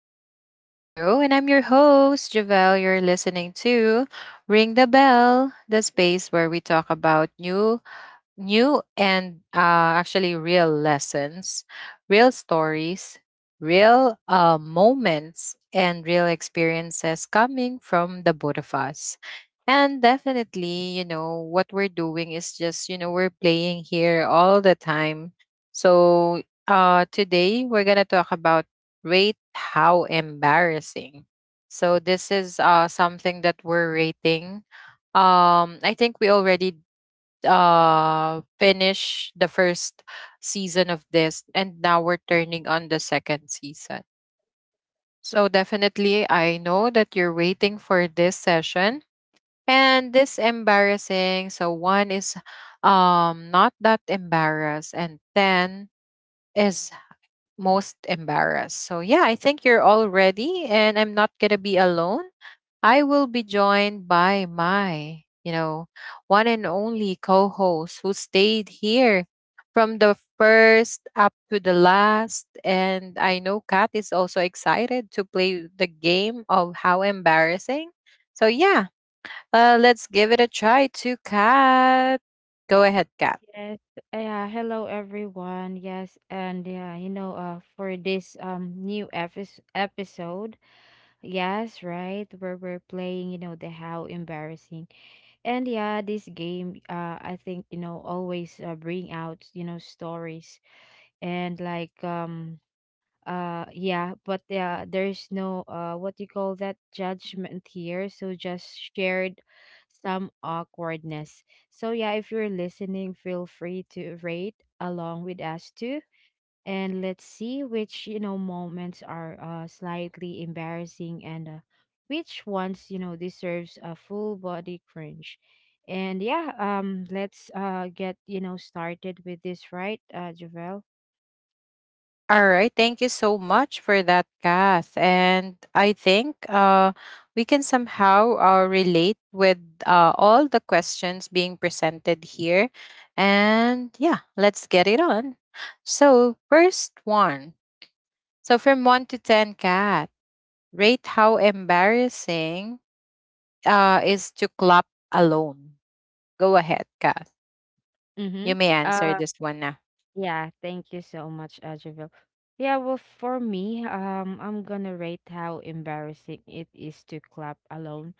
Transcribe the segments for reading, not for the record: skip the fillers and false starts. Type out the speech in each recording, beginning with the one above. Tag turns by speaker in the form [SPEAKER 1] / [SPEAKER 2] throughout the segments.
[SPEAKER 1] Welcome back to the show. And I'm your host, Javelle. You're listening to Ring the Bell, the space where we talk about new and actually real lessons, real stories, real moments, and real experiences coming from the both of us. And definitely, you know, what we're doing is just, you know, we're playing here all the time. So today we're going to talk about rate how embarrassing. So this is something that we're rating. I think we already finish the first season of this, and now we're turning on the second season. So definitely, I know that you're waiting for this session, and this embarrassing. So one is not that embarrassed, and 10 is most embarrassed. So yeah, I think you're all ready, and I'm not going to be alone. I will be joined by my, you know, one and only co-host who stayed here from the first up to the last, and I know Kat is also excited to play the game of how embarrassing. So yeah, let's give it a try to Kat. Go ahead, Kat.
[SPEAKER 2] Yes. Yeah. Hello, everyone. Yes, and yeah, you know, for this new episode, yes, right, where we're playing, the how embarrassing, and this game, I think always bring out stories and yeah there's no what do you call that judgment here, so just shared some awkwardness. So yeah, if you're listening, feel free to rate along with us too, and let's see which moments are slightly embarrassing and which ones deserves a full body cringe. And let's get started with this, right, Javel.
[SPEAKER 1] All right. Thank you so much for that, Kath. And I think we can somehow relate with all the questions being presented here. And yeah, let's get it on. So, first one. So, from 1 to 10, Kath, rate how embarrassing is to clap alone. Go ahead, Kath. You
[SPEAKER 2] Mm-hmm
[SPEAKER 1] may answer
[SPEAKER 2] Uh,
[SPEAKER 1] this one now.
[SPEAKER 2] Yeah, thank you so much. For me, I'm gonna rate how embarrassing it is to clap alone.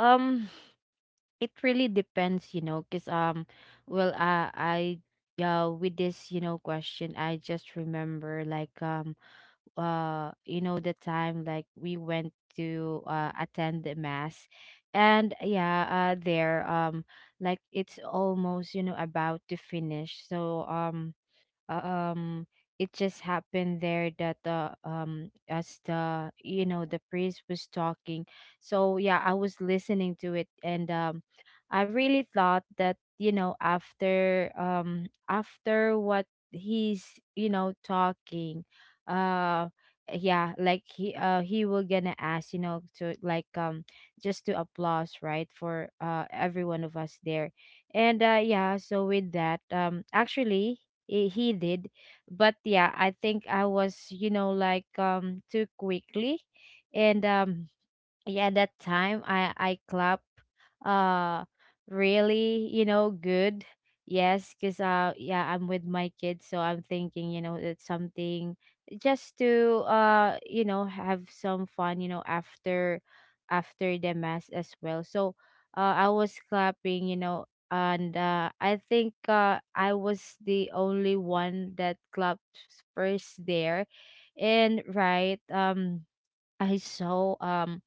[SPEAKER 2] Um, it really depends, you know, cause well, I yeah, with this, question. I just remember you know, the time like we went to attend the mass, and yeah, there like it's almost about to finish, uh, um it just happened there that the as the you know the priest was talking. So yeah, I was listening to it, and I really thought that after after what he's talking, uh yeah like he will gonna ask to just to applause, right, for every one of us there. And so with that, actually, he did. But yeah, I think I was too quickly, and yeah, that time I clap uh really, good. Yes, because I'm with my kids, so I'm thinking it's something just to have some fun, you know, after, after the mass as well. So I was clapping, you know, and I think I was the only one that clapped first there. And I saw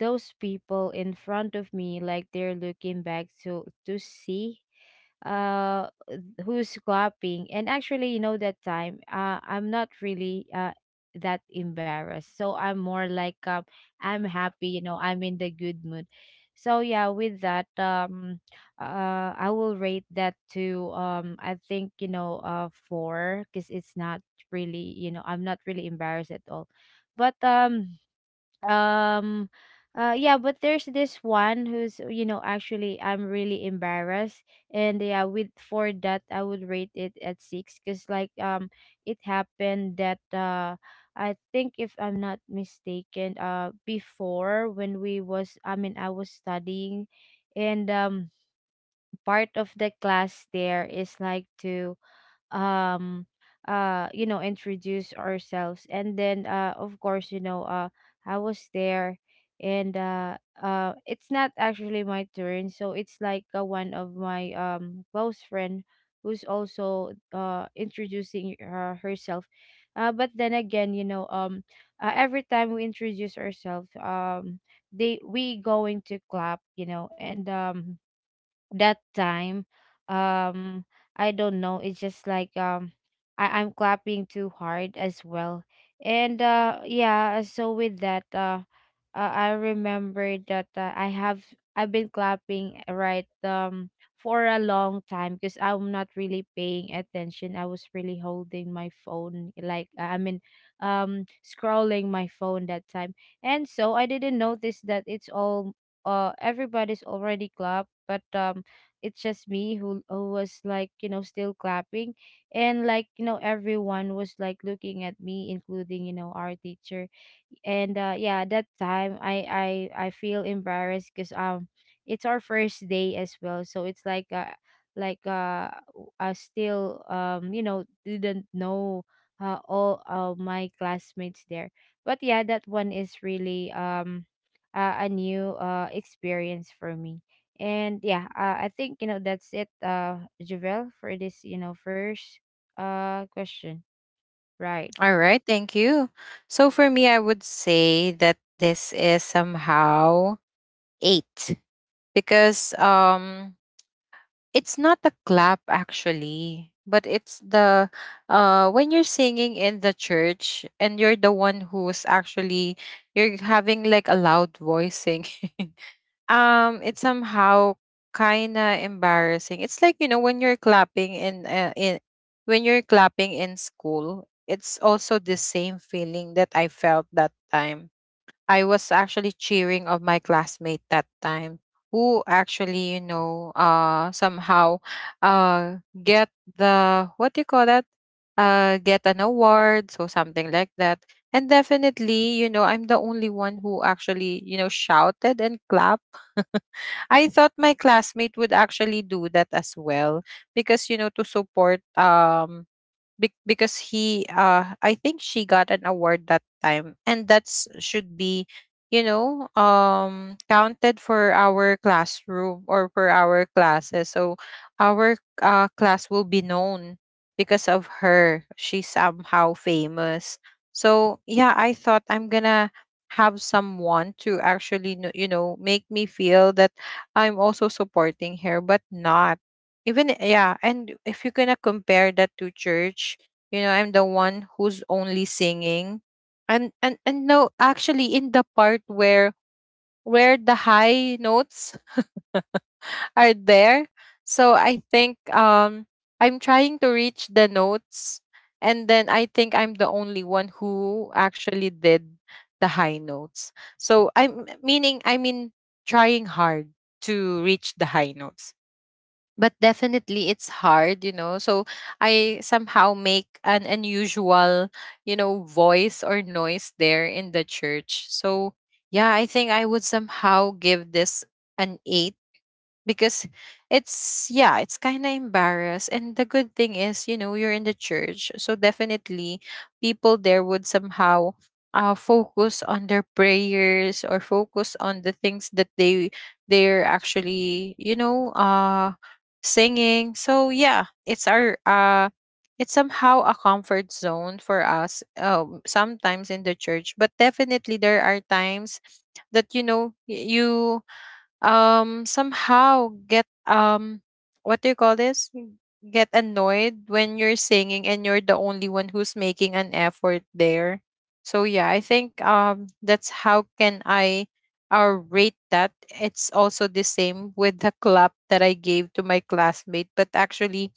[SPEAKER 2] those people in front of me, like they're looking back to see uh who's clapping. And actually, you know, that time I'm not really that embarrassed, so I'm more like, I'm happy, you know, I'm in the good mood. So yeah, with that, I will rate that to I think four, because it's not really, you know, I'm not really embarrassed at all. But um um uh yeah, but there's this one who's, you know, actually, I'm really embarrassed, and yeah, with, for that I would rate it at six, because it happened that I think, if I'm not mistaken, before when we was I mean I was studying, and part of the class there is like to, um you know, introduce ourselves, and then of course, you know, I was there. And it's not actually my turn, so it's like one of my close friend who's also introducing herself. But then again, you know, every time we introduce ourselves, they we going to clap, you know, and that time um I don't know, it's just like, I'm clapping too hard as well. And yeah, so with that, I remember that I've been clapping for a long time, because I'm not really paying attention. I was really holding my phone, like I mean scrolling my phone that time, and so I didn't notice that it's all everybody's already clapped, but it's just me who was like, you know, still clapping. And, like, you know, everyone was like looking at me, including, you know, our teacher. And yeah, that time I feel embarrassed, because it's our first day as well, so it's like I still, you know, didn't know all my classmates there. But yeah, that one is really a new experience for me. And yeah, I think, you know, that's it, Javel, for this, you know, first question, right?
[SPEAKER 1] All right, thank you. So for me, I would say that this is somehow eight because it's not a clap actually, but it's the when you're singing in the church and you're the one who's actually you're having like a loud voice singing. It's somehow kinda embarrassing. It's like, you know, when you're clapping in when you're clapping in school, it's also the same feeling that I felt that time. I was actually cheering of my classmate that time who actually, you know, somehow uh get the what do you call that? Get an award, so something like that. And definitely, you know, I'm the only one who actually, you know, shouted and clapped. I thought my classmate would actually do that as well because you know to support because he I think she got an award that time, and that's should be you know counted for our classroom or for our classes, so our class will be known because of her. She's somehow famous. So yeah, I thought I'm gonna have someone to actually you know make me feel that I'm also supporting her, but not even. Yeah, and if you're gonna compare that to church, you know, I'm the one who's only singing. And no, actually in the part where the high notes are there. So I think I'm trying to reach the notes, and then I think I'm the only one who actually did the high notes. So I mean trying hard to reach the high notes. But definitely it's hard, you know, so I somehow make an unusual, you know, voice or noise there in the church. So yeah, I think I would somehow give this an 8 because it's, yeah, it's kind of embarrassed. And the good thing is, you know, you're in the church, so definitely people there would somehow focus on their prayers or focus on the things that they're actually, you know, singing. So yeah, it's our it's somehow a comfort zone for us, sometimes in the church. But definitely there are times that you know you somehow get what do you call this, get annoyed when you're singing and you're the only one who's making an effort there. So yeah, I think that's how can I rate that. It's also the same with the clap that I gave to my classmate, but actually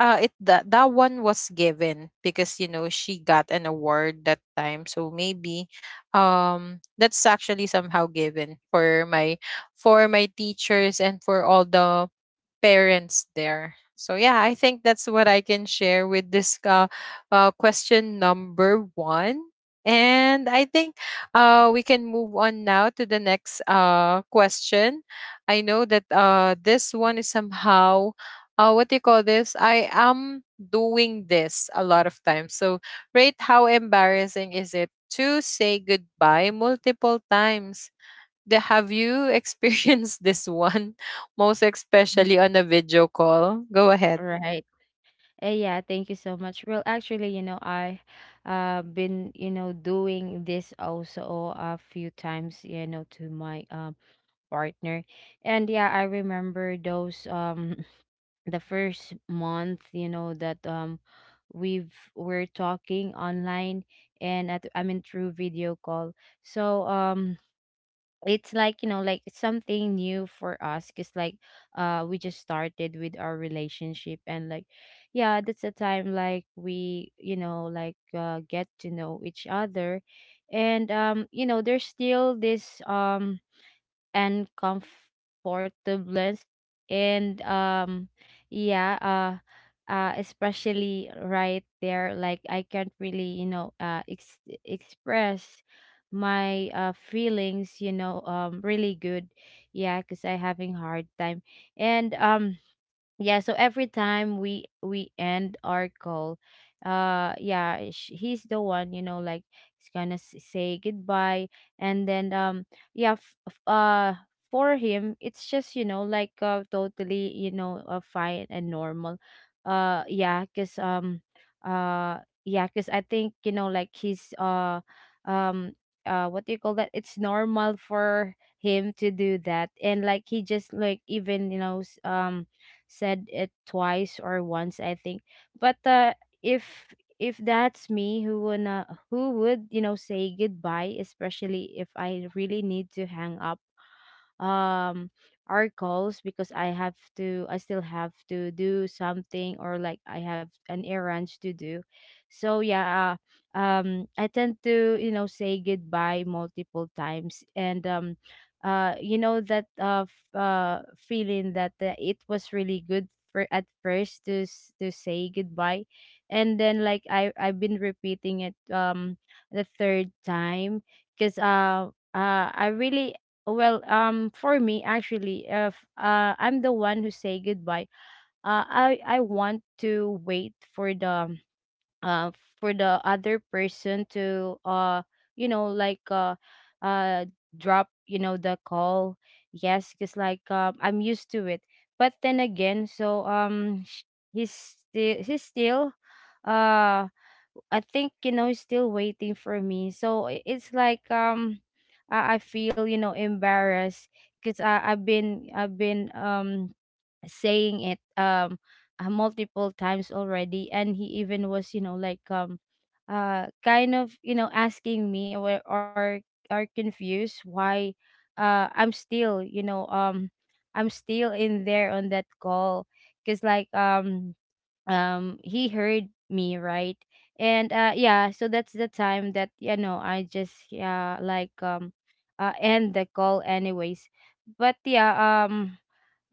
[SPEAKER 1] it that that one was given because you know she got an award that time, so maybe that's actually somehow given for my teachers and for all the parents there. So yeah, I think that's what I can share with this question number one. And I think we can move on now to the next question. I know that this one is somehow what do you call this? I am doing this a lot of times. So rate how embarrassing is it to say goodbye multiple times the, have you experienced this one, most
[SPEAKER 2] Mhm.
[SPEAKER 1] especially on a video call? Go ahead.
[SPEAKER 2] Right. Yeah, thank you so much. Well, actually, you know, I been, you know, doing this also a few times, you know, to my partner. And yeah, I remember those the first month, you know, that we're talking online and at, I mean, through video call. So it's like, you know, like it's something new for us, because we just started with our relationship, and like, yeah, that's the time like we, you know, like get to know each other. And you know, there's still this and comfortableness, and yeah uh especially right there, like I can't really, you know, express my feelings, you know, really good. Yeah, because I having hard time. And yeah, so every time we end our call, he's the one, you know, like say goodbye. And then, yeah f- f- uh for him it's just, you know, like totally, you know, fine and normal. Yeah because yeah, because I think, you know, like he's um what do you call that, it's normal for him to do that. And like, he just like even, you know, said it twice or once, I think. But if if that's me who wanna, who would, you know, say goodbye, especially if I really need to hang up um our calls, because I still have to do something, or like I have an errand to do. So yeah, I tend to, you know, say goodbye multiple times. And you know, that feeling that it was really good for at first to to say goodbye, and then like I've been repeating it the third time, because I really, well, for me, actually, if I'm the one who say goodbye, I want to wait uh for the other person to you know, uh drop, you know, the call. Yes, because I'm used to it. But then again, so he's still, he's still, uh I think, you know, he's still waiting for me. So it's like, I feel, you know, embarrassed, because I've been, I've been saying it multiple times already, and he even was, you know, like kind of, you know, asking me, or are confused why I'm still, you know, I'm still in there on that call, because he heard me, right? And yeah, so that's the time that, you know, I just, yeah, like end the call anyways. But yeah um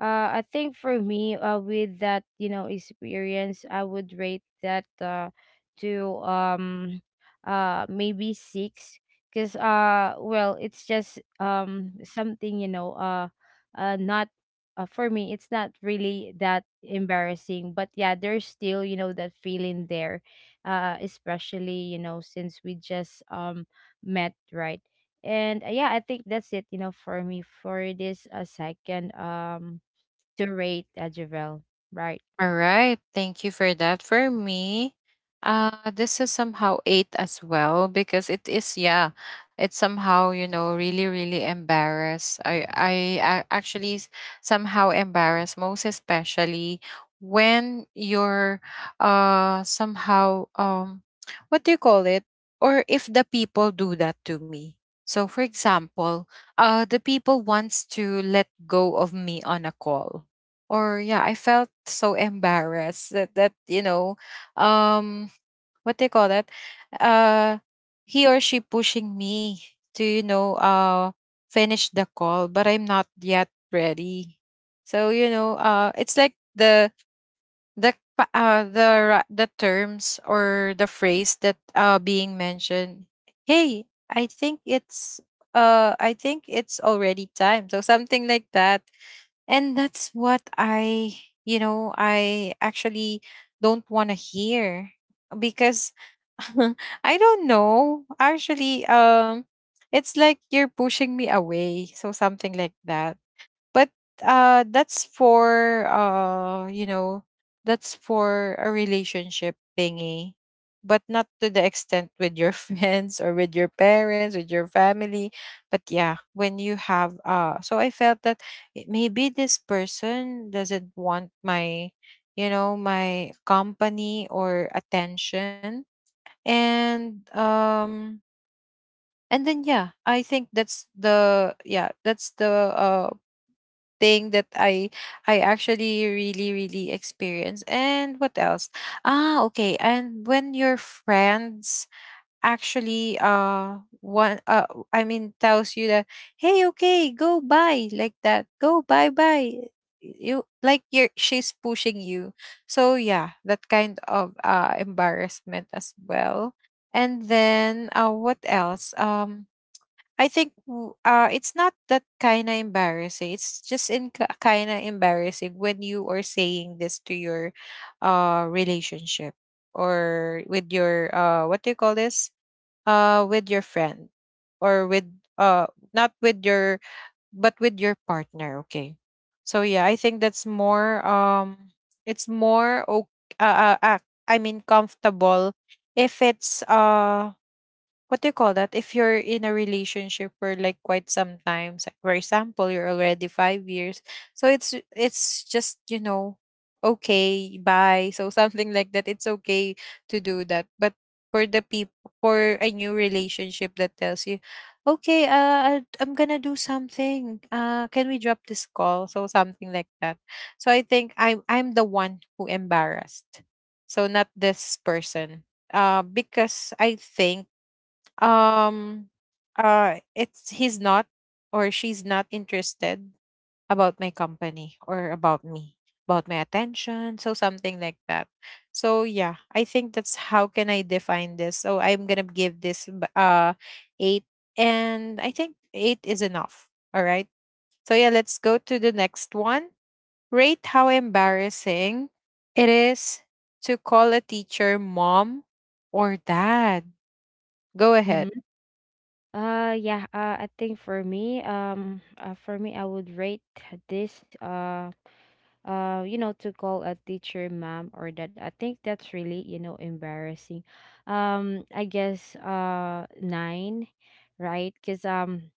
[SPEAKER 2] uh, I think for me, with that, you know, experience, I would rate that to maybe six, because well, it's just something, you know, not for me, it's not really that embarrassing, but yeah, there's still, you know, that feeling there, especially, you know, since we just met, right? And yeah, I think that's it, you know, for me, for this second to rate, Javel, right?
[SPEAKER 1] All right. Thank you for that. For me, this is somehow eight as well because it is, yeah, it's somehow, you know, really, really embarrassed. I actually somehow embarrassed, most especially when you're somehow what do you call it? Or if the people do that to me. So for example, the people wants to let go of me on a call or, yeah, I felt so embarrassed that that you know um what do you call that, uh he or she pushing me to you know finish the call, but I'm not yet ready. So you know it's like the the pa- uh the the terms or the phrase that being mentioned, hey I think it's I think it's already time, so something like that. And that's what I, you know, I actually don't want to hear because I don't know. Actually, it's like you're pushing me away. So something like that. But that's for you know, that's for a relationship thingy, but not to the extent with your friends or with your parents, with your family. But yeah, when you have so I felt that maybe this person doesn't want my, you know, my company or attention. And and then, yeah, I think that's the, yeah, that's the uh thing that I actually really, really experience. And what else? Ah, okay. And when your friends actually one I mean tells you that hey okay go buy like that go bye bye, you like you're she's pushing you. So yeah, that kind of embarrassment as well. And then what else, I think it's not that kind of embarrassing. It's just in kind of embarrassing when you are saying this to your relationship or with your what do you call this? With your friend or with uh not with your but with your partner, okay? So yeah, I think that's more it's more okay, I mean comfortable. If it's what do you call that? If you're in a relationship for like quite some time, for example, you're already 5 years, so it's just you know, okay, bye. So something like that. It's okay to do that, but for the people, for a new relationship that tells you, okay, I'm gonna do something. Can we drop this call? So something like that. So I think I'm the one who embarrassed. So not this person, because I think um it's he's not or she's not interested about my company or about me, about my attention, so something like that. So yeah, I think that's how can I define this, so I'm gonna give this eight. And I think eight is enough. All right, so yeah, let's go to the next one. Rate how embarrassing it is to call a teacher mom or dad. Go ahead.
[SPEAKER 2] Mm-hmm. Yeah, I think for me I would rate this you know, to call a teacher ma'am or that, I think that's really, you know, embarrassing. I guess 9, right? Cuz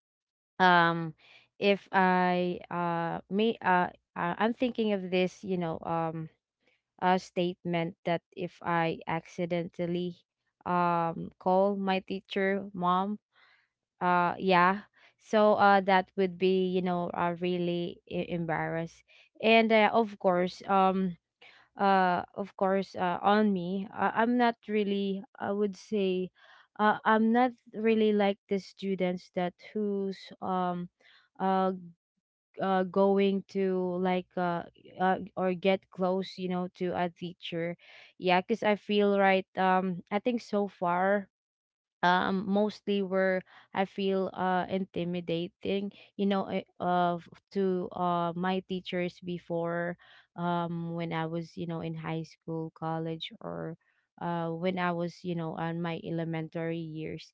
[SPEAKER 2] um if I me I'm thinking of this, statement that if I accidentally call my teacher mom. Yeah, so that would be really embarrassed, and of course, of course, on me, I'm not really I would say I'm not really like the students that who's, uh going to, like, or get close, to a teacher. Yeah, because I feel, right, I think so far, mostly where I feel intimidating, to my teachers before, when I was, in high school, college, or when I was, on my elementary years.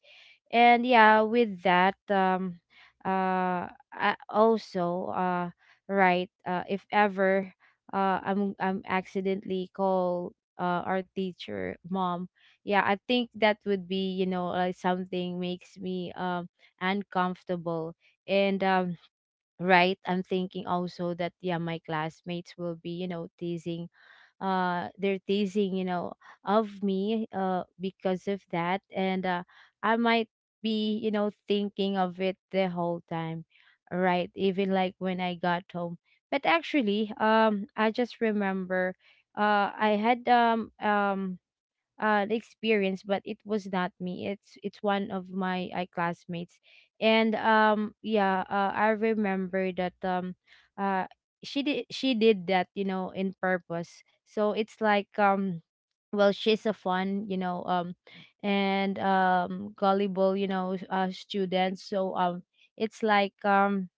[SPEAKER 2] And yeah, with that, I also, right, if ever, I'm accidentally call our teacher mom, yeah, I think that would be, like something makes me uncomfortable. And, right, I'm thinking also that, yeah, my classmates will be, teasing. They're teasing, of me, because of that. And I might be, thinking of it the whole time, right, even like when I got home. But actually, I just remember, I had, the experience, but it was not me. It's it's one of my, classmates. And yeah, I remember that, uh she did that, in purpose. So it's like, well, she's a fun, and gullible, student. So, it's like, um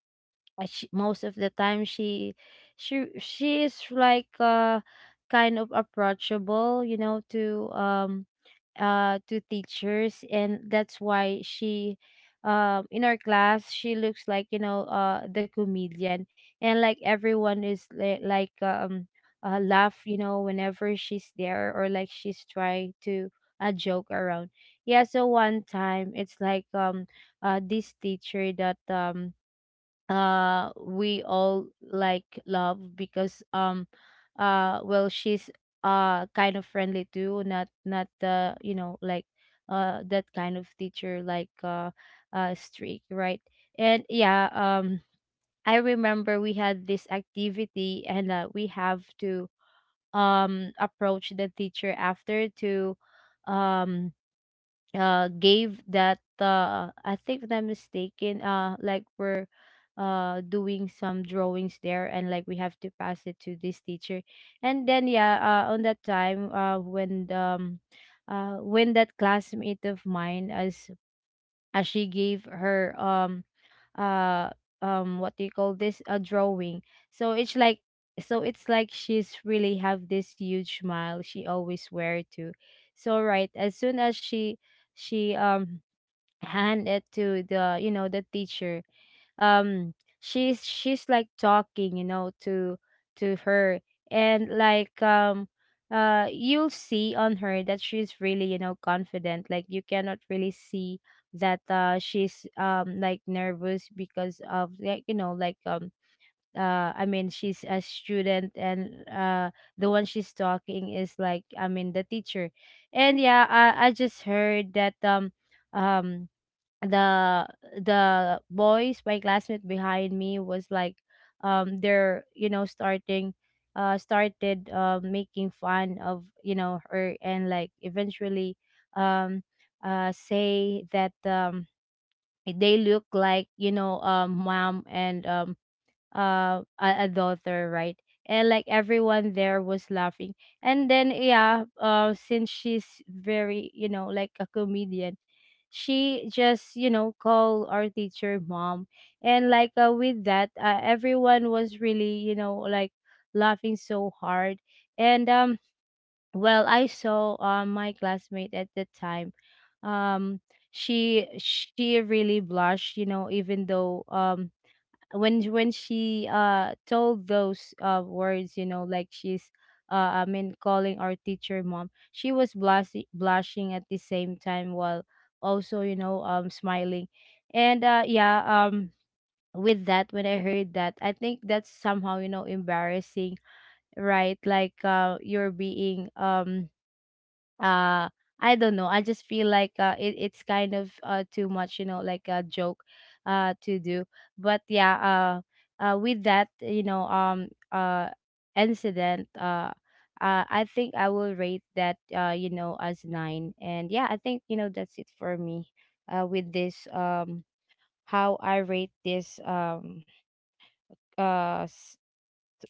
[SPEAKER 2] uh, she, most of the time, she is like, kind of approachable, to, to teachers, and that's why she, in our class, she looks like, the comedian. And like everyone is, like, laugh, whenever she's there, or like she's trying to, joke around. Yeah, so one time it's like, this teacher that, we all like, love because, well, she's, kind of friendly too, not the, like, that kind of teacher, like, strict, right. And yeah, I remember we had this activity, and we have to, approach the teacher after, to, um gave that, I think if I'm mistaken, like we're, doing some drawings there, and like we have to pass it to this teacher, and then yeah, on that time, when the, when that classmate of mine, as she gave her, uh what do you call this, a drawing. so it's like so it's like she's really have this huge smile, she always wear too. So right, as soon as she, hand it to the, the teacher, um she's like talking, to her. And like, you'll see on her that she's really, confident. Like you cannot really see that, she's, like nervous, because of like, like, I mean, she's a student, and the one she's talking is, like, I mean, the teacher. And yeah, I just heard that, um the the boys, my classmate behind me, was like, they're, starting, started, making fun of, her. And like eventually, um say that, they look like, mom and, a daughter, right? And like everyone there was laughing. And then yeah, since she's very, like a comedian, she just, call our teacher mom. And like, with that, everyone was really, like laughing so hard. And, well, I saw, my classmate at the time. Um she really blushed, even though, when when she, told those, words, like she's, I mean, calling our teacher mom. She was blushing, blushing at the same time, while also, smiling. And yeah, with that, when I heard that, I think that's somehow, embarrassing, right. Like, you're being, uh I don't know. I just feel like, it's kind of, too much, like a joke, to do. But yeah, with that, incident, I think I will rate that, as nine. And yeah, I think, that's it for me, with this. How I rate this, uh s-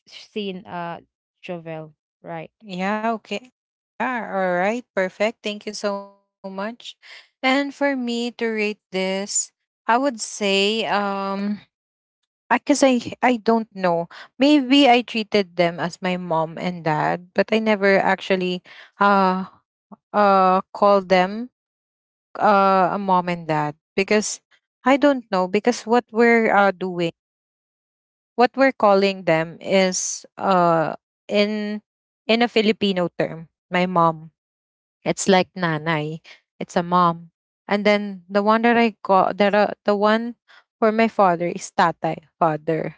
[SPEAKER 2] scene, Jovel, right?
[SPEAKER 1] Yeah, okay. Yeah, all right, perfect. Thank you so much. And for me to rate this, I would say because 'cause I don't know. Maybe I treated them as my mom and dad, but I never actually uh called them a mom and dad because I don't know, because what we're doing, what we're calling them is in in a Filipino term, my mom, it's like nanay. It's a mom. And then the one that I got, that the one for my father is tatay, father.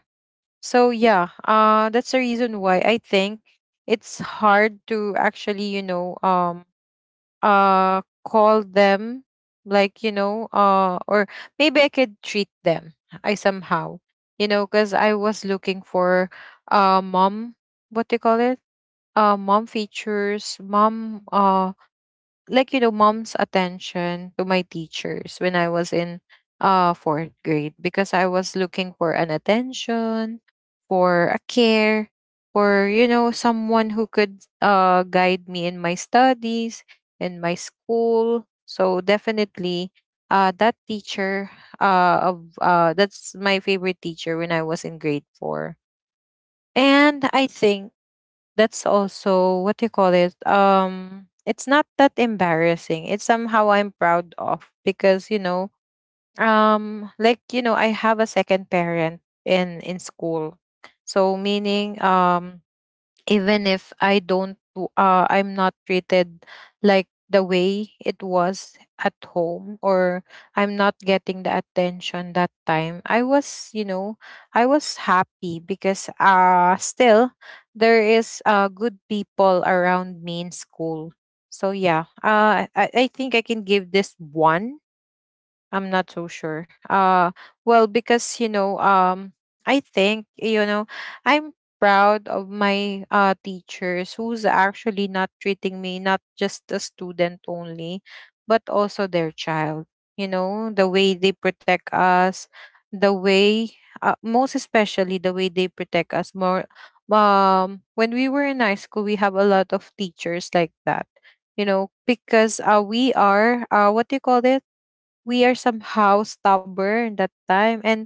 [SPEAKER 1] So yeah, that's the reason why I think it's hard to actually, you know, call them like, you know, or maybe I could treat them I somehow. You know, because I was looking for mom, what do you call it? Uh mom features, mom like you know mom's attention to my teachers when I was in fourth grade because I was looking for an attention, for a care, for you know someone who could guide me in my studies, in my school. So definitely that teacher of that's my favorite teacher when I was in grade 4. And I think that's also what you call it, it's not that embarrassing, it's somehow I'm proud of because I have a second parent in school, so meaning even if I don't w- I'm not treated like the way it was at home, or I'm not getting the attention that time. I was I was happy because still there is good people around me in school. So yeah, I think I can give this one. I'm not so sure. Well because I think I'm proud of my teachers who's actually not treating me not just a student only, but also their child. You know, the way they protect us, the way most especially the way they protect us more when we were in high school. We have a lot of teachers like that. You know, because we are what do you call it? We are somehow stubborn that time, and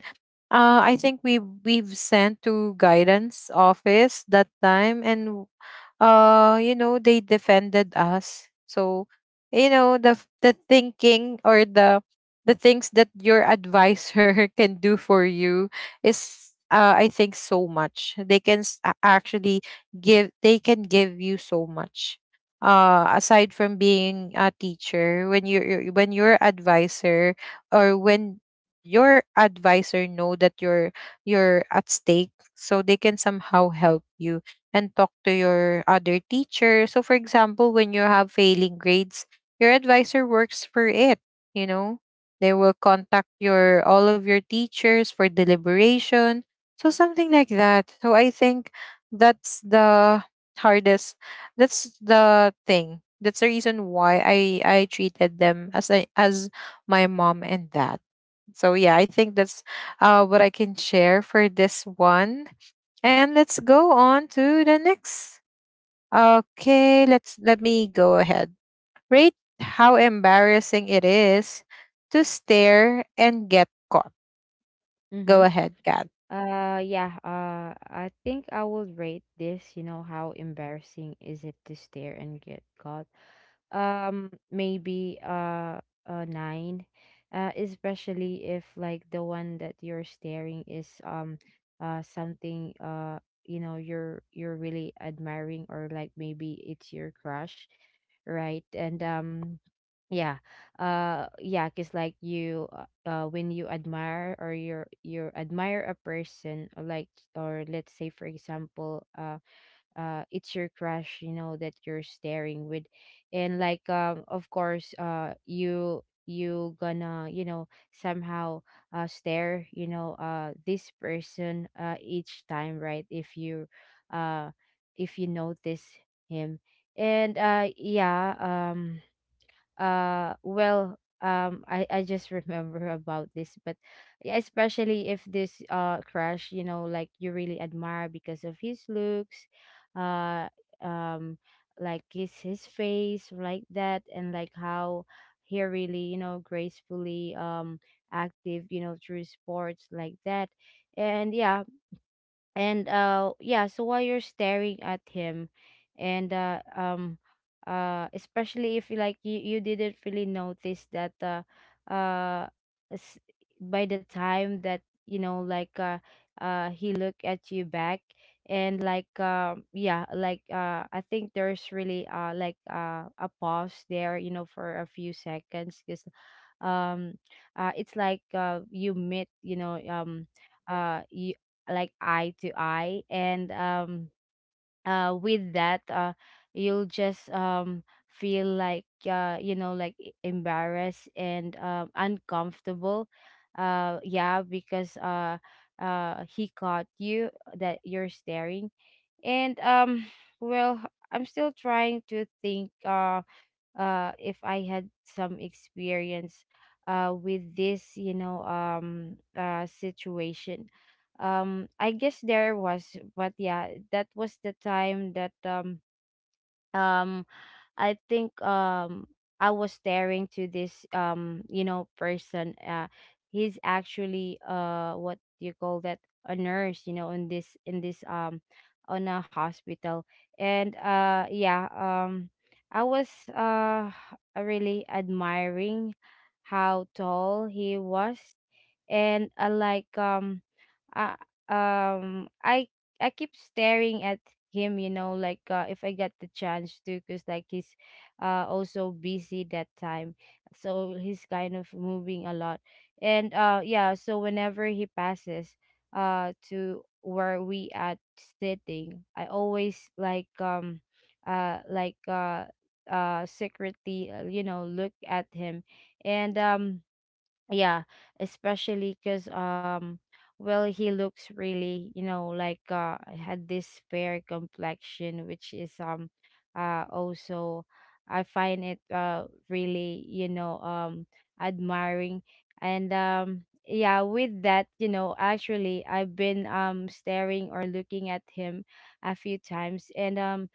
[SPEAKER 1] I think we we've sent to guidance office that time, and you know, they defended us. So you know, the the thinking or the things that your advisor can do for you is I think so much they can actually give they can give you so much aside from being a teacher. When when your advisor or when your advisor know that you're at stake, so they can somehow help you and talk to your other teacher. So, for example, when you have failing grades, your advisor works for it. You know, they will contact your all of your teachers for deliberation. So something like that. So I think that's the hardest. That's the thing. That's the reason why I treated them as I as my mom and dad. So yeah, I think that's what I can share for this one. And let's go on to the next. Okay, let me go ahead. Rate how embarrassing it is to stare and get caught. Go
[SPEAKER 2] Mm-hmm.
[SPEAKER 1] ahead, Kat.
[SPEAKER 2] Yeah, I think I will rate this, how embarrassing is it to stare and get caught. Maybe a 9. Especially if like the one that you're staring is, something, you're really admiring, or like maybe it's your crush, right? And yeah. Yeah, because like you, when you admire, or you admire a person, or like, or let's say for example, it's your crush, that you're staring with. And like, of course, you gonna, somehow, stare, this person, each time, right, if you, uh if you notice him. And yeah, um well, I just remember about this, but yeah, especially if this, crush, like you really admire because of his looks, uh um like his face like that, and like how he really, gracefully, active, through sports like that. And yeah, and yeah, so while you're staring at him, and especially if like, you didn't really notice that, uh s- by the time that, like, he looked at you back. And like, yeah, like, I think there's really, like, a pause there, for a few seconds because, um it's like, you meet, you, like, eye to eye. And, with that, you'll just, feel like, like, embarrassed and, uncomfortable. Yeah, because, he caught you, that you're staring. And well, I'm still trying to think, if I had some experience, with this, situation. I guess there was, but yeah, that was the time that, um I think, I was staring to this, person, he's actually, what do you call that, a nurse, in this, on a hospital. And yeah, I was, uh really admiring how tall he was. And I like, uh, um i I keep staring at him, like, if I get the chance to, because like he's, also busy that time. So he's kind of moving a lot. And yeah, so whenever he passes, to where we at sitting, I always, like, like, secretly, look at him. And yeah, especially because, well, he looks really, like, had this fair complexion, which is, also, I find it, really, admiring. And yeah, with that, actually I've been, staring or looking at him a few times. And,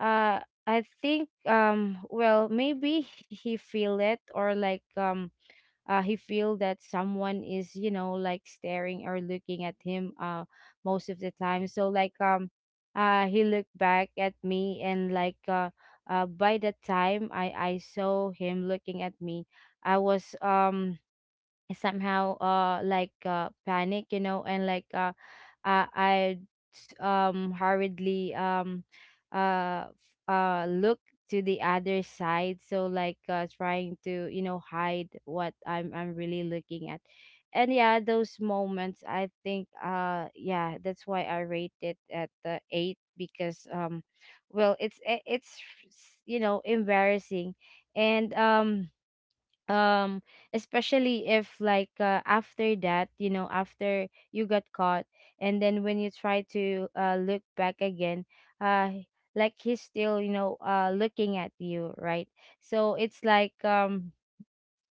[SPEAKER 2] uh I think, well, maybe he feel it, or like, he feel that someone is, like staring or looking at him, most of the time. So like, he looked back at me. And like, by the time I saw him looking at me, I was, somehow, like, panic, and like, i I hurriedly, look to the other side. So like, trying to, hide what I'm I'm really looking at. And yeah, those moments, I think, yeah, that's why I rate it at the eight, because, well, it's, embarrassing. And, um especially if like, after that, after you got caught, and then when you try to, look back again, uh like he's still, looking at you, right. So it's like,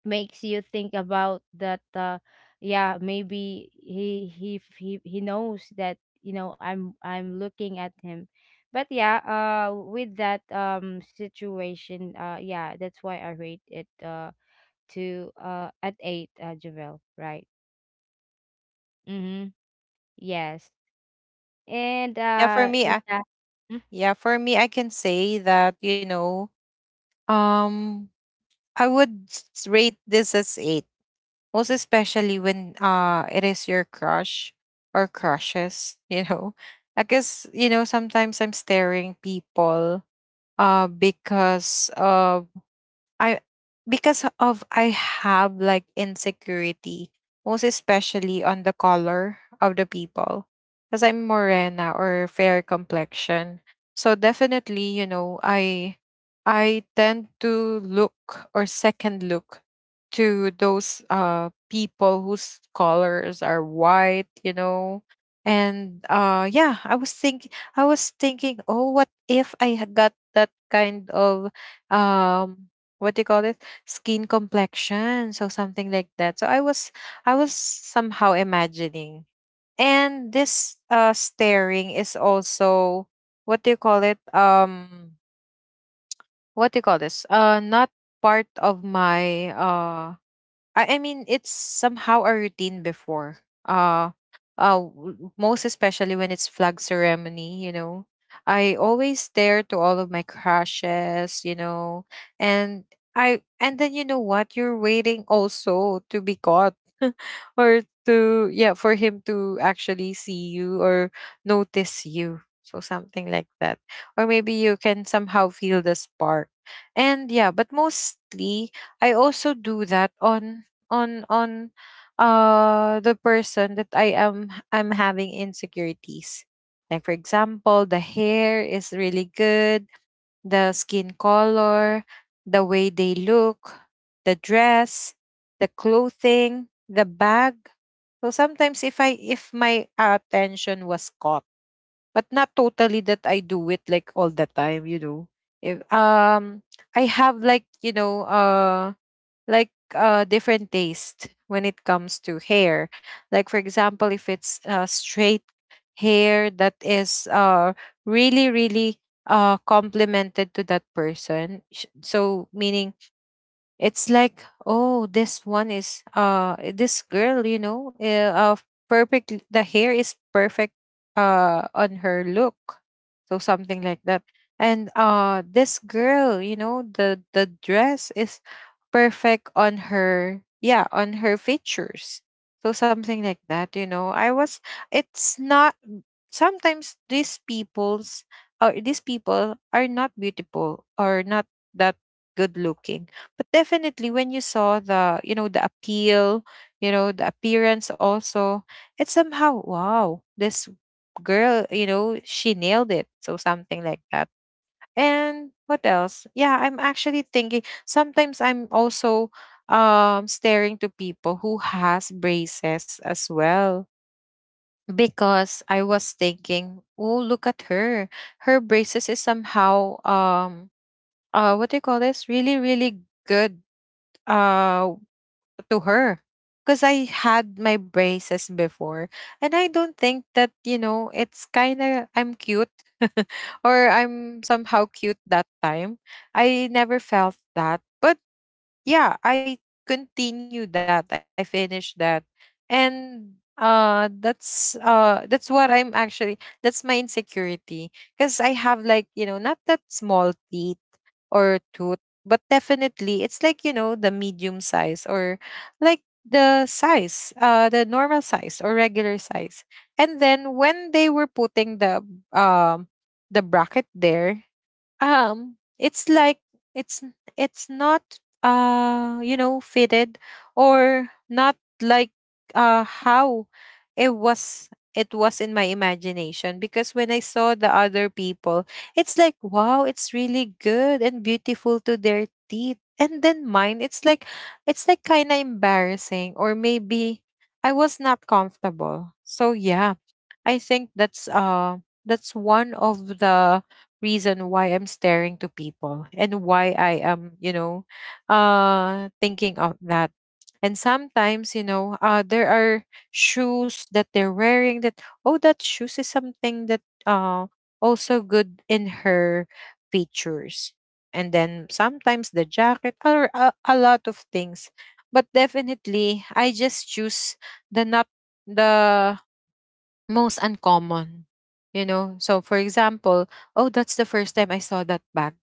[SPEAKER 2] makes you think about that, yeah, maybe he knows that, I'm I'm looking at him. But yeah, with that, situation, yeah, that's why I rate it, to at 8, Javel, right? Mhm. Yes. And
[SPEAKER 1] Yeah, for me,
[SPEAKER 2] yeah. Mm-hmm.
[SPEAKER 1] yeah, for me, I can say that you know, um, I would rate this as eight, most especially when it is your crush or crushes. You know, I guess you know sometimes I'm staring people uh because of I because of I have like insecurity, most especially on the color of the people. Because I'm morena or fair complexion. So definitely, you know, I tend to look or second look to those people whose colors are white, you know. And yeah, I was thinking, oh, what if I had got that kind of um what do you call it, skin complexion? So something like that. So I was, I was somehow imagining. And this staring is also what do you call it, what do you call this, not part of my I mean, it's somehow a routine before. Uh, Most especially when it's flag ceremony, you know. I always stare to all of my crushes, you know, and I and then you know what? You're waiting also to be caught, or to yeah, for him to actually see you or notice you. So something like that, or maybe you can somehow feel the spark. And yeah, but mostly I also do that on on on the person that I'm having insecurities. Like for example, the hair is really good, the skin color, the way they look, the dress, the clothing, the bag. So sometimes if I, if my attention was caught, but not totally that I do it like all the time, you know. If I have like, you know, different taste when it comes to hair. Like for example, if it's straight hair that is really really complemented to that person, so meaning it's like, oh, this one is this girl, you know, perfect, the hair is perfect on her look. So something like that. And this girl, you know, the dress is perfect on her, yeah, on her features. So something like that. You know, I was, it's not, sometimes these people's or these people are not beautiful or not that good looking, but definitely when you saw the you know the appeal, you know the appearance also, it's somehow, wow, this girl, you know, she nailed it. So something like that. And what else? Yeah, I'm actually thinking sometimes I'm also staring to people who has braces as well. Because I was thinking, oh, look at her, her braces is somehow what do you call this, really really good uh to her. Because I had my braces before, and I don't think that you know it's kind of I'm cute or I'm somehow cute that time. I never felt that. But yeah, I continued that. I finished that. And that's what I'm actually, that's my insecurity. Because I have like you know not that small teeth or tooth, but definitely it's like you know the medium size, or like the size, the normal size or regular size. And then when they were putting um the bracket there, it's like it's not you know fitted, or not like how it was, it was in my imagination. Because when I saw the other people, it's like, wow, it's really good and beautiful to their teeth. And then mine, it's like, it's like kind of embarrassing, or maybe I was not comfortable. So yeah, I think that's one of the reason why I'm staring to people and why I am, you know, thinking of that. And sometimes, you know, there are shoes that they're wearing, that oh, that shoes is something that also good in her features. And then sometimes the jacket, or a lot of things. But definitely I just choose the not the most uncommon, you know. So for example, oh, that's the first time I saw that bag,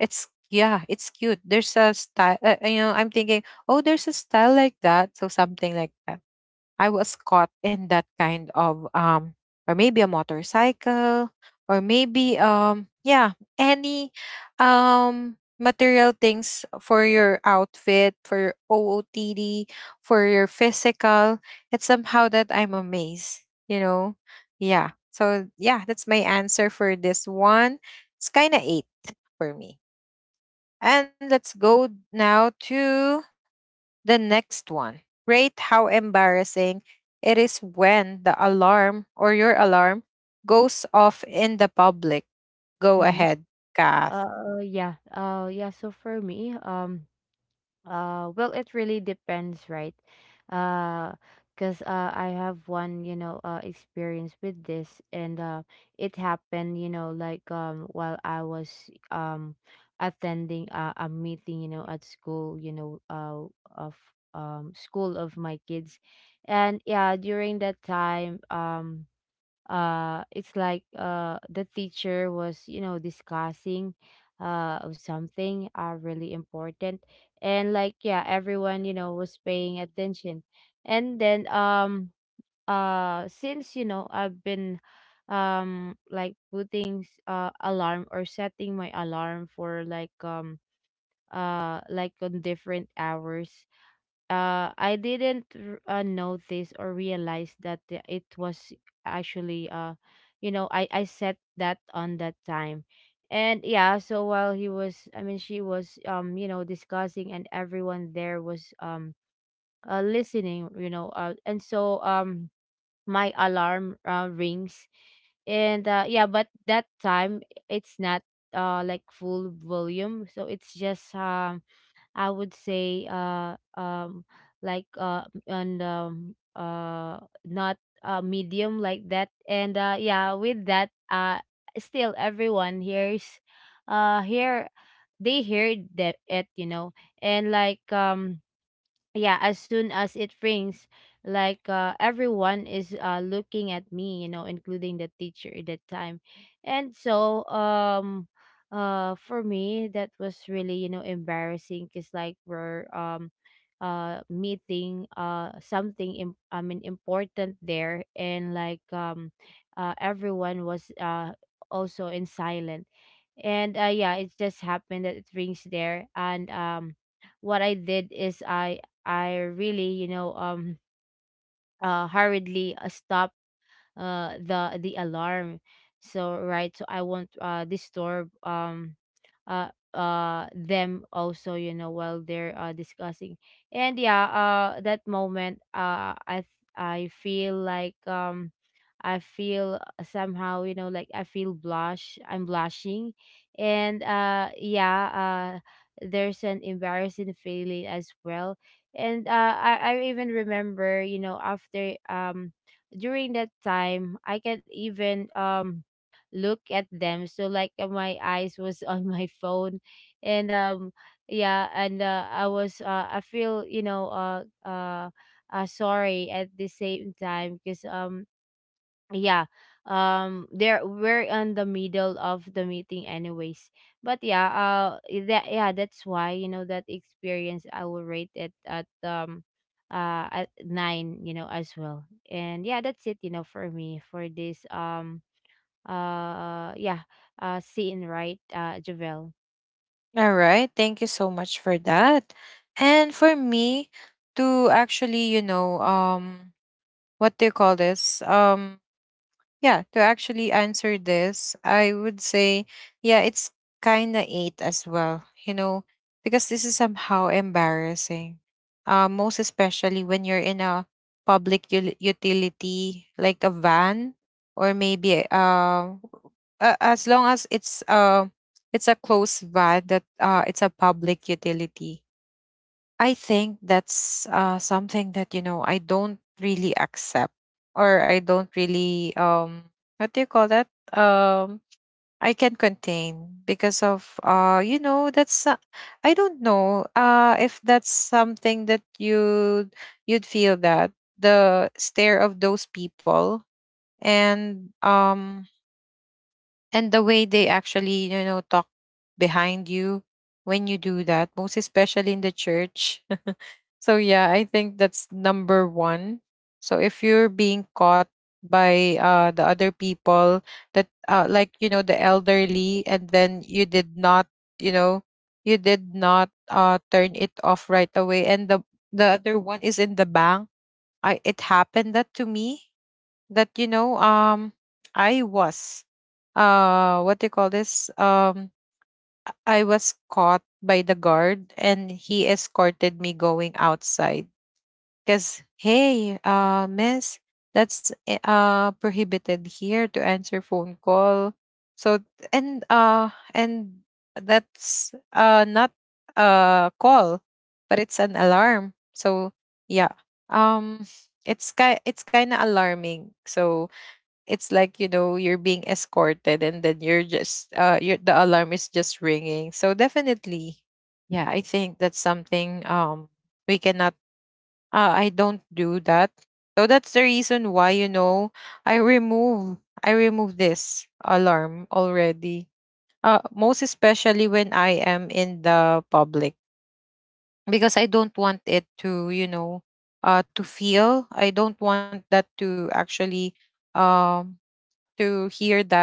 [SPEAKER 1] it's yeah, it's cute, there's a style, you know, I'm thinking, oh, there's a style like that. So something like that. I was caught in that kind of or maybe a motorcycle, or maybe yeah, any material things for your outfit, for your OOTD, for your physical. It's somehow that I'm amazed, you know. Yeah, so yeah, that's my answer for this one. It's kind of 8 for me. And let's go now to the next one. Rate how embarrassing it is when the alarm or your alarm goes off in the public. Go
[SPEAKER 2] Mm-hmm.
[SPEAKER 1] ahead, Kath.
[SPEAKER 2] Yeah. Yeah. So for me, well, it really depends, right? Uh, because, I have one, experience with this. And it happened, like, while I was, attending a meeting, at school, of, school of my kids, and yeah, during that time, it's like, the teacher was, discussing, of something, really important, and like yeah, everyone, was paying attention. And then, since, I've been, like putting, alarm, or setting my alarm for like, like on different hours, I didn't, notice or realize that, it was actually, I set that on that time, and yeah. So while he was, I mean, she was discussing, and everyone there was listening, you know, and so my alarm rings, and yeah, but that time it's not like full volume, so it's just I would say like and not medium like that, and yeah, with that still everyone hears, here they hear that, it. And like Yeah, as soon as it rings, everyone is looking at me, you know, including the teacher at that time. And so For me that was really, you know, embarrassing because like we're meeting something im- I mean important there, and everyone was also in silent. And yeah, it just happened that it rings there. And what I did is I really, hurriedly stopped the alarm, so I won't disturb them also, you know, while they're discussing. And yeah, that moment, I feel like I feel somehow, you know, like I feel blush, I'm blushing. And there's an embarrassing feeling as well. And I even remember, you know, after during that time I can even look at them. So like my eyes was on my phone. And yeah and I was I feel, you know, sorry at the same time because yeah there we're in the middle of the meeting anyways. But yeah, that's why, you know, that experience I will rate it at nine, you know, as well. And yeah, that's it, you know, for me, for this uh yeah scene, right, Javel?
[SPEAKER 1] All right. Thank you so much for that. And for me to actually, you know, what do you call this? Yeah, to actually answer this, I would say, yeah, it's kind of eight as well, you know, because this is somehow embarrassing. Most especially when you're in a public utility, like a van, or maybe as long as it's a closed van that it's a public utility. I think that's something that you know I don't really accept, or I don't really what do you call that, um I can contain. Because of you know that's I don't know if that's something that you you'd feel that the stare of those people, and um and the way they actually you know talk behind you when you do that, most especially in the church. So yeah, I think that's number one. So if you're being caught by the other people, that like you know the elderly, and then you did not you know you did not turn it off right away. And the other one is in the bank. I, it happened that to me, that you know I was what do you call this, I was caught by the guard and he escorted me going outside, because hey miss, that's prohibited here to answer phone call. So, and that's not a call, but it's an alarm. So yeah, um it's kind of alarming. So it's like, you know, you're being escorted, and then you're just you, the alarm is just ringing. So definitely, yeah, I think that's something we cannot I don't do that. So that's the reason why, you know, i remove I remove this alarm already, most especially when I am in the public. Because I don't want it to you know to feel, I don't want that to actually um to hear that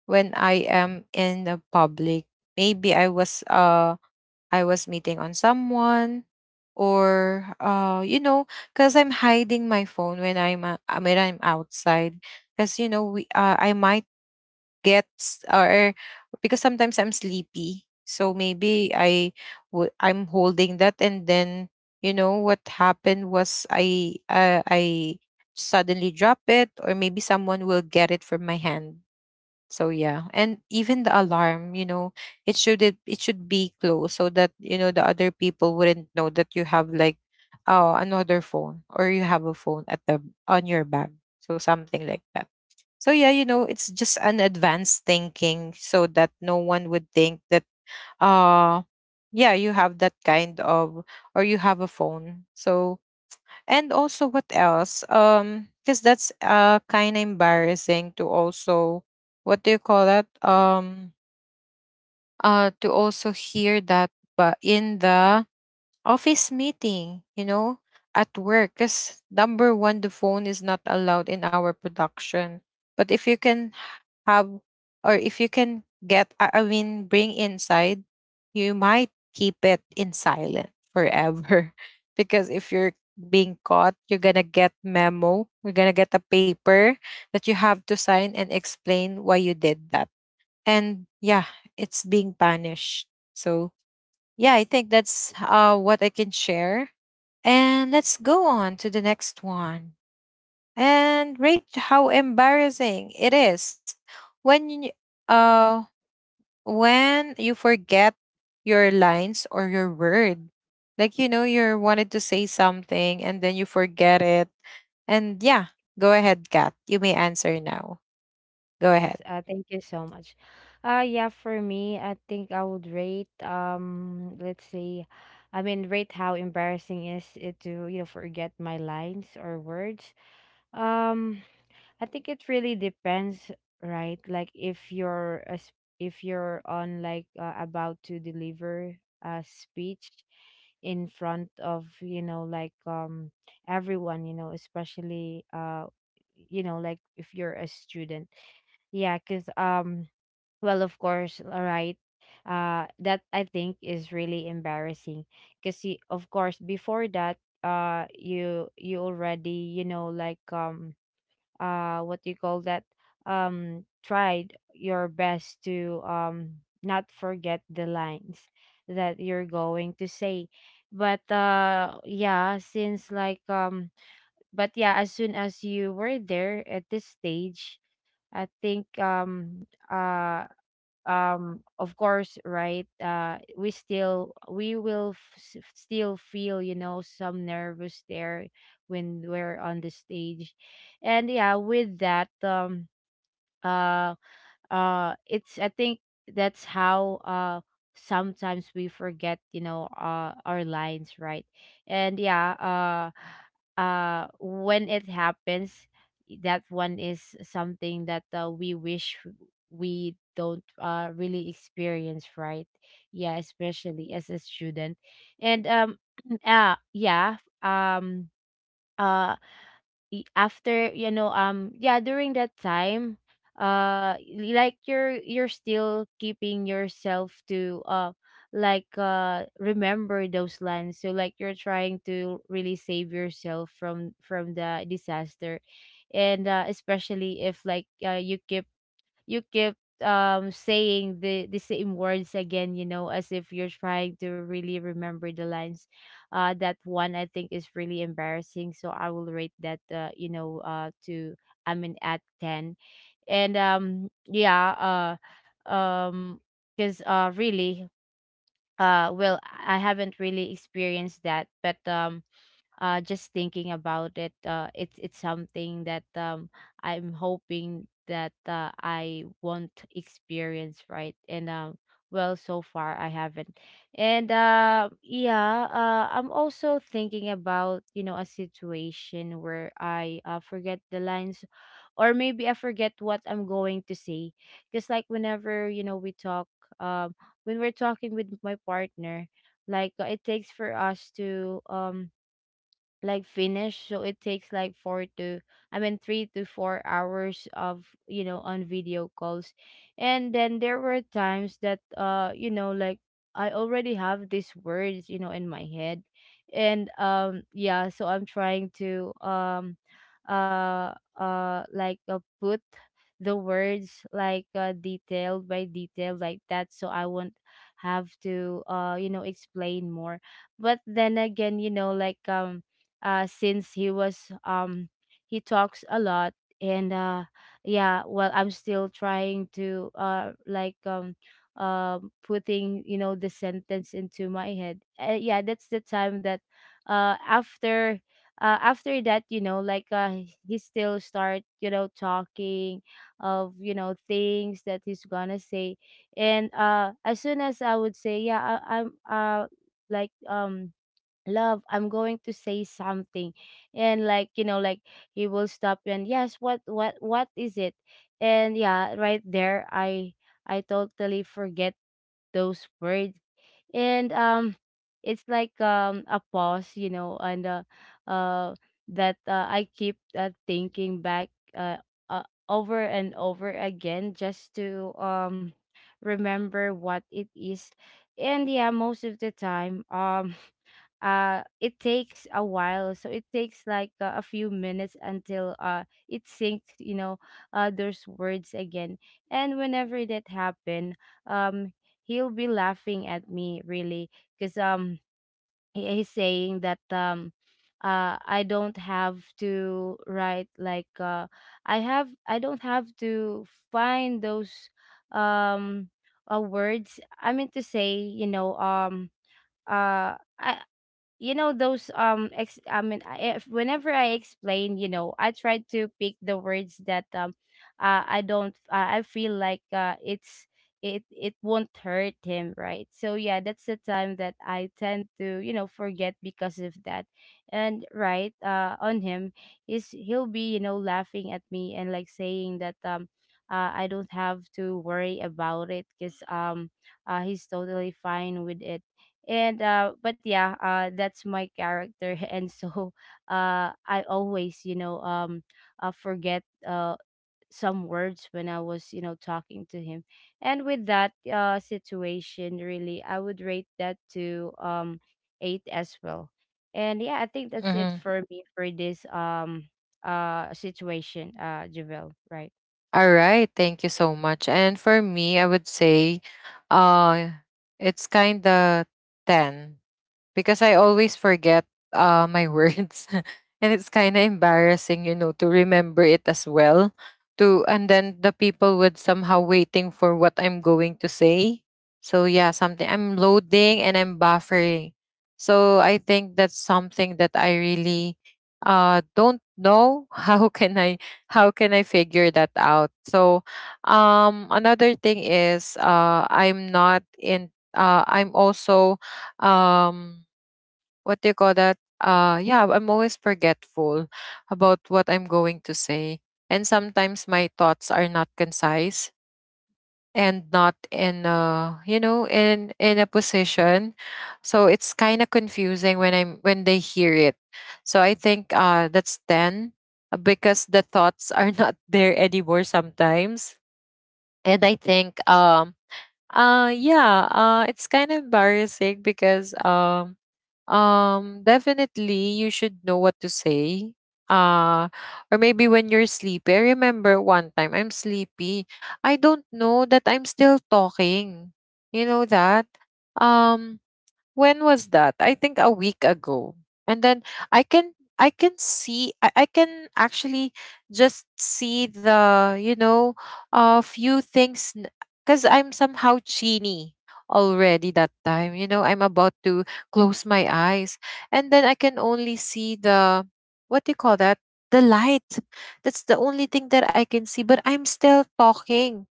[SPEAKER 1] when I am in the public. Maybe I was meeting on someone or because I'm hiding my phone when I'm outside because you know we I might get s- or because sometimes I'm sleepy, so maybe I'm holding that, and then you know what happened was I suddenly drop it, or maybe someone will get it from my hand. So yeah, and even the alarm, you know, it should be close so that, you know, the other people wouldn't know that you have like another phone or you have a phone at the on your bag. So something like that. So yeah, you know, it's just an advanced thinking so that no one would think that uh yeah, you have that kind of, or you have a phone. So, and also, what else? Because that's kind of embarrassing to also, what do you call that? To also hear that, but in the office meeting, you know, at work, because number one, the phone is not allowed in our production. But if you can have, or if you can get I mean bring inside, you might keep it in silent forever because if you're being caught, you're gonna get memo, you're gonna get a paper that you have to sign and explain why you did that. And yeah, it's being punished. So yeah, I think that's what I can share. And let's go on to the next one and rate how embarrassing it is when you, uh when you forget your lines or your word, like, you know, you wanted to say something and then you forget it. And yeah, go ahead, Kat, you may answer now. Go
[SPEAKER 2] Yes,
[SPEAKER 1] ahead.
[SPEAKER 2] thank you so much. Yeah, for me, I think I would rate, let's say, rate how embarrassing is it to, you know, forget my lines or words. Um, I think it really depends, right? If you're on about to deliver a speech in front of, you know, everyone, you know, especially like if you're a student. Yeah, because well, of course, all right. That I think is really embarrassing because you, of course, before that, you already, you know, what do you call that, tried your best to not forget the lines that you're going to say. But yeah, since but yeah, as soon as you were there at this stage, I think of course, right, we will still feel, you know, some nervous there when we're on the stage. And yeah, with that uh it's, I think, that's how sometimes we forget, you know, our lines, right? And when it happens, that one is something that we wish we don't really experience, right? Yeah, especially as a student. And uh yeah um uh after, you know, during that time, uh like you're still keeping yourself to remember those lines. So like you're trying to really save yourself from the disaster. And especially if you keep saying the same words again, you know, as if you're trying to really remember the lines. That one I think is really embarrassing, so I will rate that you know to I mean at 10. And um because really, well, I haven't really experienced that, but just thinking about it, it's something that I'm hoping that I won't experience, right? And well, so far I haven't. And yeah, I'm also thinking about, you know, a situation where I forget the lines, or maybe I forget what I'm going to say, because like whenever, you know, we talk, um, when we're talking with my partner, it takes for us to finish. So it takes like four to I mean 3 to 4 hours of, you know, on video calls. And then there were times that, you know, like I already have these words, you know, in my head. And yeah, so I'm trying to uh put the words like detail by detail like that, so I won't have to, you know, explain more. But then again, you know, since he talks a lot. And yeah, well, I'm still trying to putting, you know, the sentence into my head. Yeah, that's the time that uh after after that, you know, he still start, you know, talking of, you know, things that he's gonna say. And as soon as I would say yeah, I, I'm like love, I'm going to say something. And like, you know, like he will stop you and yes, what is it? And yeah, right there I totally forget those words. And it's like a pause, you know. And uh that I keep, thinking back, uh, uh over and over again just to remember what it is. And yeah, most of the time, it takes a while. So it takes like a few minutes until it syncs, you know, those words again. And whenever that happen, um he'll be laughing at me really. Because he's saying that I don't have to write like I don't have to find those um words, to say, you know. Uh I, you know those ex- I mean I, if, whenever I explain, you know, I try to pick the words that I don't I feel like it's, it won't hurt him, right? So yeah, that's the time that I tend to, you know, forget because of that. And right on him is He'll be, you know, laughing at me and like saying that I don't have to worry about it because he's totally fine with it. And but yeah, that's my character and so I always, you know, forget some words when I was, you know, talking to him. And with that situation, really, I would rate that to 8 as well. And yeah, I think that's it
[SPEAKER 1] Mm-hmm.
[SPEAKER 2] for me, for this situation, Javel, right?
[SPEAKER 1] All right, thank you so much. And for me, I would say uh it's kind of 10 because I always forget my words, and it's kind of embarrassing, you know, to remember it as well. To, and then the people would somehow waiting for what I'm going to say. So yeah, something, I'm loading and I'm buffering. So I think that's something that I really don't know how can I, how can I figure that out. So another thing is I'm not in I'm also um what do you call that? Yeah, I'm always forgetful about what I'm going to say. And sometimes my thoughts are not concise and not in you know, in a position. So it's kind of confusing when I'm when they hear it. So I think that's 10, because the thoughts are not there anymore sometimes. And I think yeah, it's kind of embarrassing because definitely you should know what to say. Uh or maybe when you're sleepy. I remember one time I'm sleepy. I don't know that I'm still talking. You know that? Um when was that? I think a week ago. And then I can I can see I can actually just see the, you know, a few things because I'm somehow chiny already that time. You know, I'm about to close my eyes. And then I can only see the, what do you call that? The light. That's the only thing that I can see. But I'm still talking,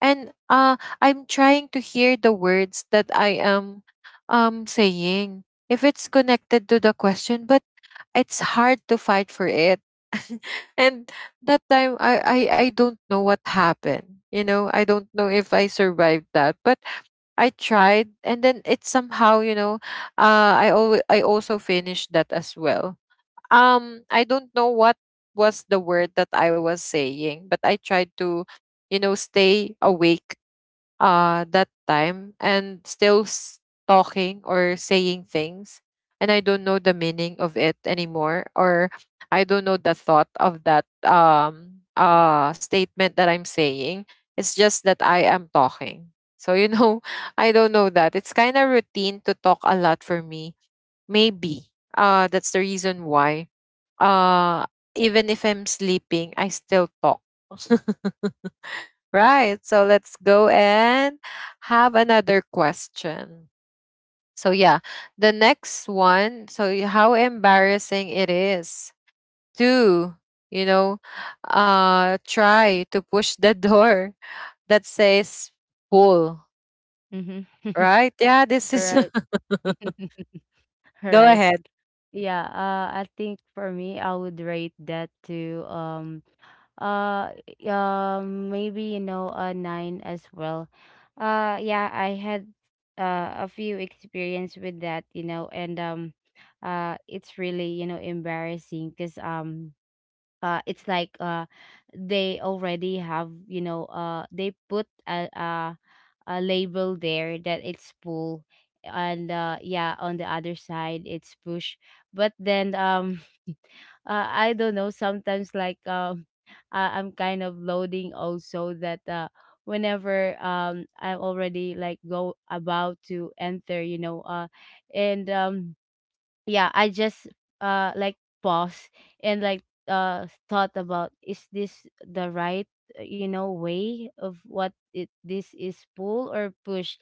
[SPEAKER 1] and I'm trying to hear the words that I am saying, if it's connected to the question. But it's hard to fight for it. And that time, I don't know what happened, you know, I don't know if I survived that, but I tried, and then it somehow, you know, I also finished that as well. I don't know what was the word that I was saying, but I tried to, you know, stay awake that time, and still talking or saying things. And I don't know the meaning of it anymore, or I don't know the thought of that statement that I'm saying. It's just that I am talking. So you know I don't know, that it's kind of routine to talk a lot for me, maybe. That's the reason why uh even if I'm sleeping, I still talk. Right. So let's go and have another question. So yeah, the next one. So how embarrassing it is to, you know, try to push the door that says pull.
[SPEAKER 2] Mm-hmm.
[SPEAKER 1] Right? Yeah, this
[SPEAKER 2] All
[SPEAKER 1] is
[SPEAKER 2] right. All
[SPEAKER 1] go
[SPEAKER 2] right.
[SPEAKER 1] ahead.
[SPEAKER 2] Yeah, I think for me, I would rate that to uh maybe, you know, a nine as well. Yeah, I had a few experience with that, you know. And it's really, you know, embarrassing because it's like they already have, you know, they put a label there that it's pull, and yeah, on the other side it's push. But then I don't know, sometimes like I'm kind of loading also that whenever I'm already like go about to enter, you know. And Yeah, I just uh like pause and like thought about, is this the right, you know, way of what it, this is pull or push?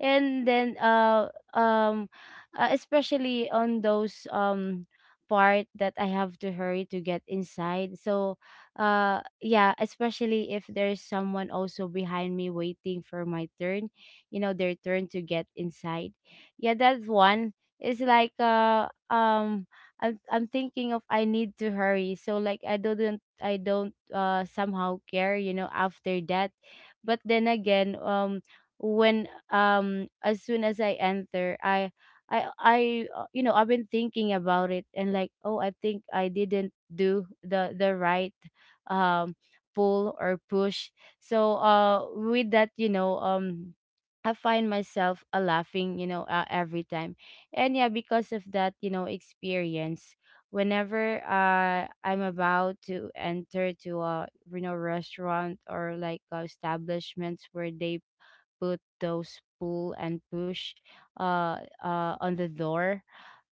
[SPEAKER 2] And then um especially on those part that I have to hurry to get inside. So yeah, especially if there's someone also behind me waiting for my turn, you know, their turn to get inside. Yeah, that's one. It's like I'm thinking of I need to hurry. So like I don't somehow care, you know, after that. But then again, when as soon as I enter, I you know, I've been thinking about it and like, oh, I think I didn't do the right um pull or push. So with that, you know, I find myself laughing, you know, every time. And yeah, because of that, you know, experience, whenever I'm about to enter to a, you know, restaurant or like establishments where they put those pull and push on the door.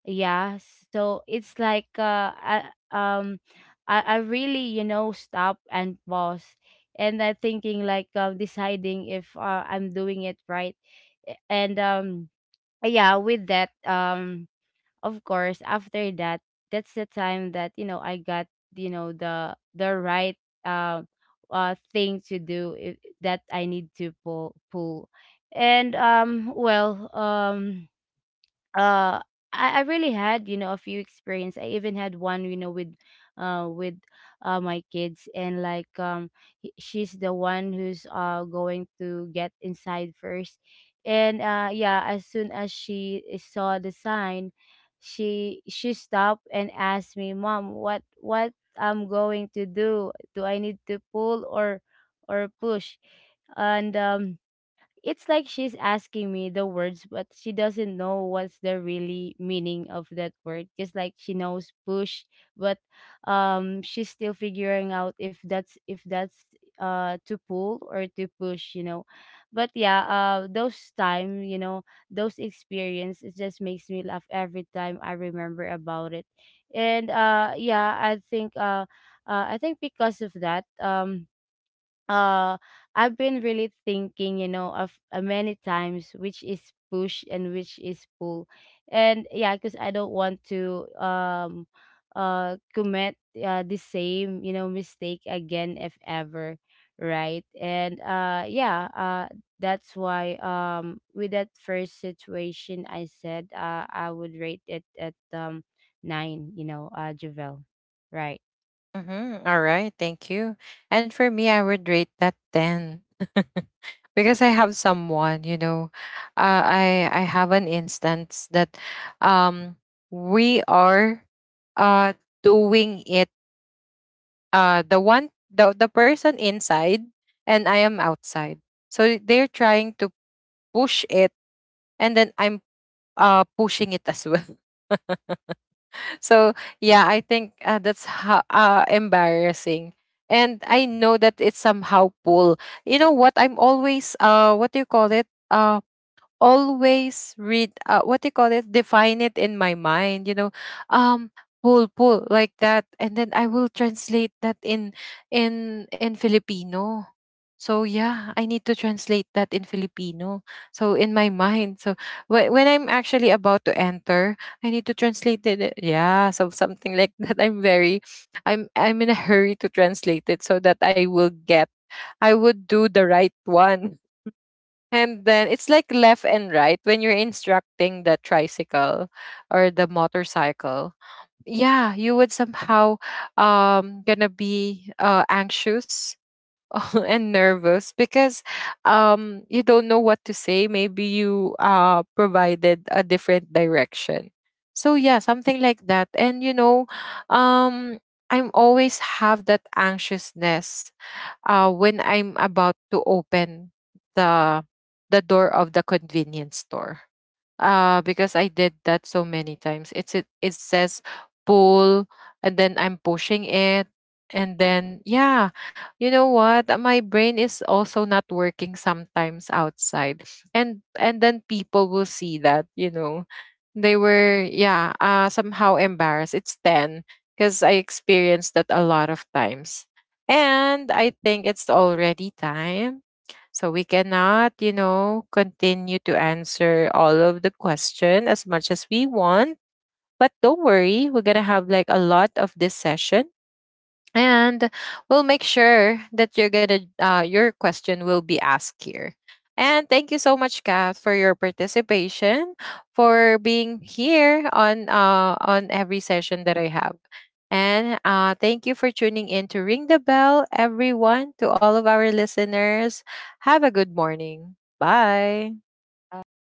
[SPEAKER 2] Yeah, so it's like um I really, you know, stop and pause and I thinking like, deciding if, I'm doing it right. And yeah, with that, of course, after that, that's the time that, you know, I got, you know, the right, uh, thing to do, that I need to pull. And well, uh I really had, you know, a few experience. I even had one, you know, with my kids. And like she's the one who's going to get inside first. And yeah, as soon as she saw the sign, she stopped and asked me, mom, what I'm going to do, do I need to pull or push? And it's like she's asking me the words, but she doesn't know what's the really meaning of that word. Just like she knows push, but she's still figuring out if that's, to pull or to push, you know. But yeah, those time, you know, those experience, it just makes me laugh every time I remember about it. And yeah, I think because of that, uh I've been really thinking, you know, of many times which is push and which is pull. And yeah, because I don't want to commit the same, you know, mistake again if ever, right? And yeah, that's why with that first situation I said I would rate it at 9, you know, Javel. Right.
[SPEAKER 1] Mm-hmm. All right, thank you. And for me, I would rate that 10 because I have someone, you know, I have an instance that um we are uh doing it, the one the person inside, and I am outside. So they're trying to push it, and then I'm pushing it as well. So yeah, I think that's embarrassing. And I know that it's somehow pull. You know what, I'm always what do you call it? Always read, what do you call it, define it in my mind, you know, um pull pull, like that, and then I will translate that in, in Filipino. So yeah, I need to translate that in Filipino, so in my mind. So when I'm actually about to enter, I need to translate it, eh, yeah, so something like that. I'm very, I'm in a hurry to translate it so that I will get, I would do the right one. And then it's like left and right when you're instructing the tricycle or the motorcycle. Yeah, you would somehow gonna be anxious and nervous because you don't know what to say. Maybe you provided a different direction. So yeah, something like that. And you know, um I'm always have that anxiousness when I'm about to open the the door of the convenience store, because I did that so many times. It says pull, and then I'm pushing it, and then yeah, you know what? My brain is also not working sometimes outside, and then people will see that, you know, they were, yeah, somehow embarrassed. It's ten because I experienced that a lot of times, and I think it's already time. So we cannot, you know, continue to answer all of the question as much as we want. But don't worry, we're gonna have like a lot of this session, and we'll make sure that you're gonna your question will be asked here. And thank you so much, Kat, for your participation, for being here on every session that I have. And thank you for tuning in to Ring the Bell, everyone, to all of our listeners. Have a good morning. Bye.
[SPEAKER 2] Bye.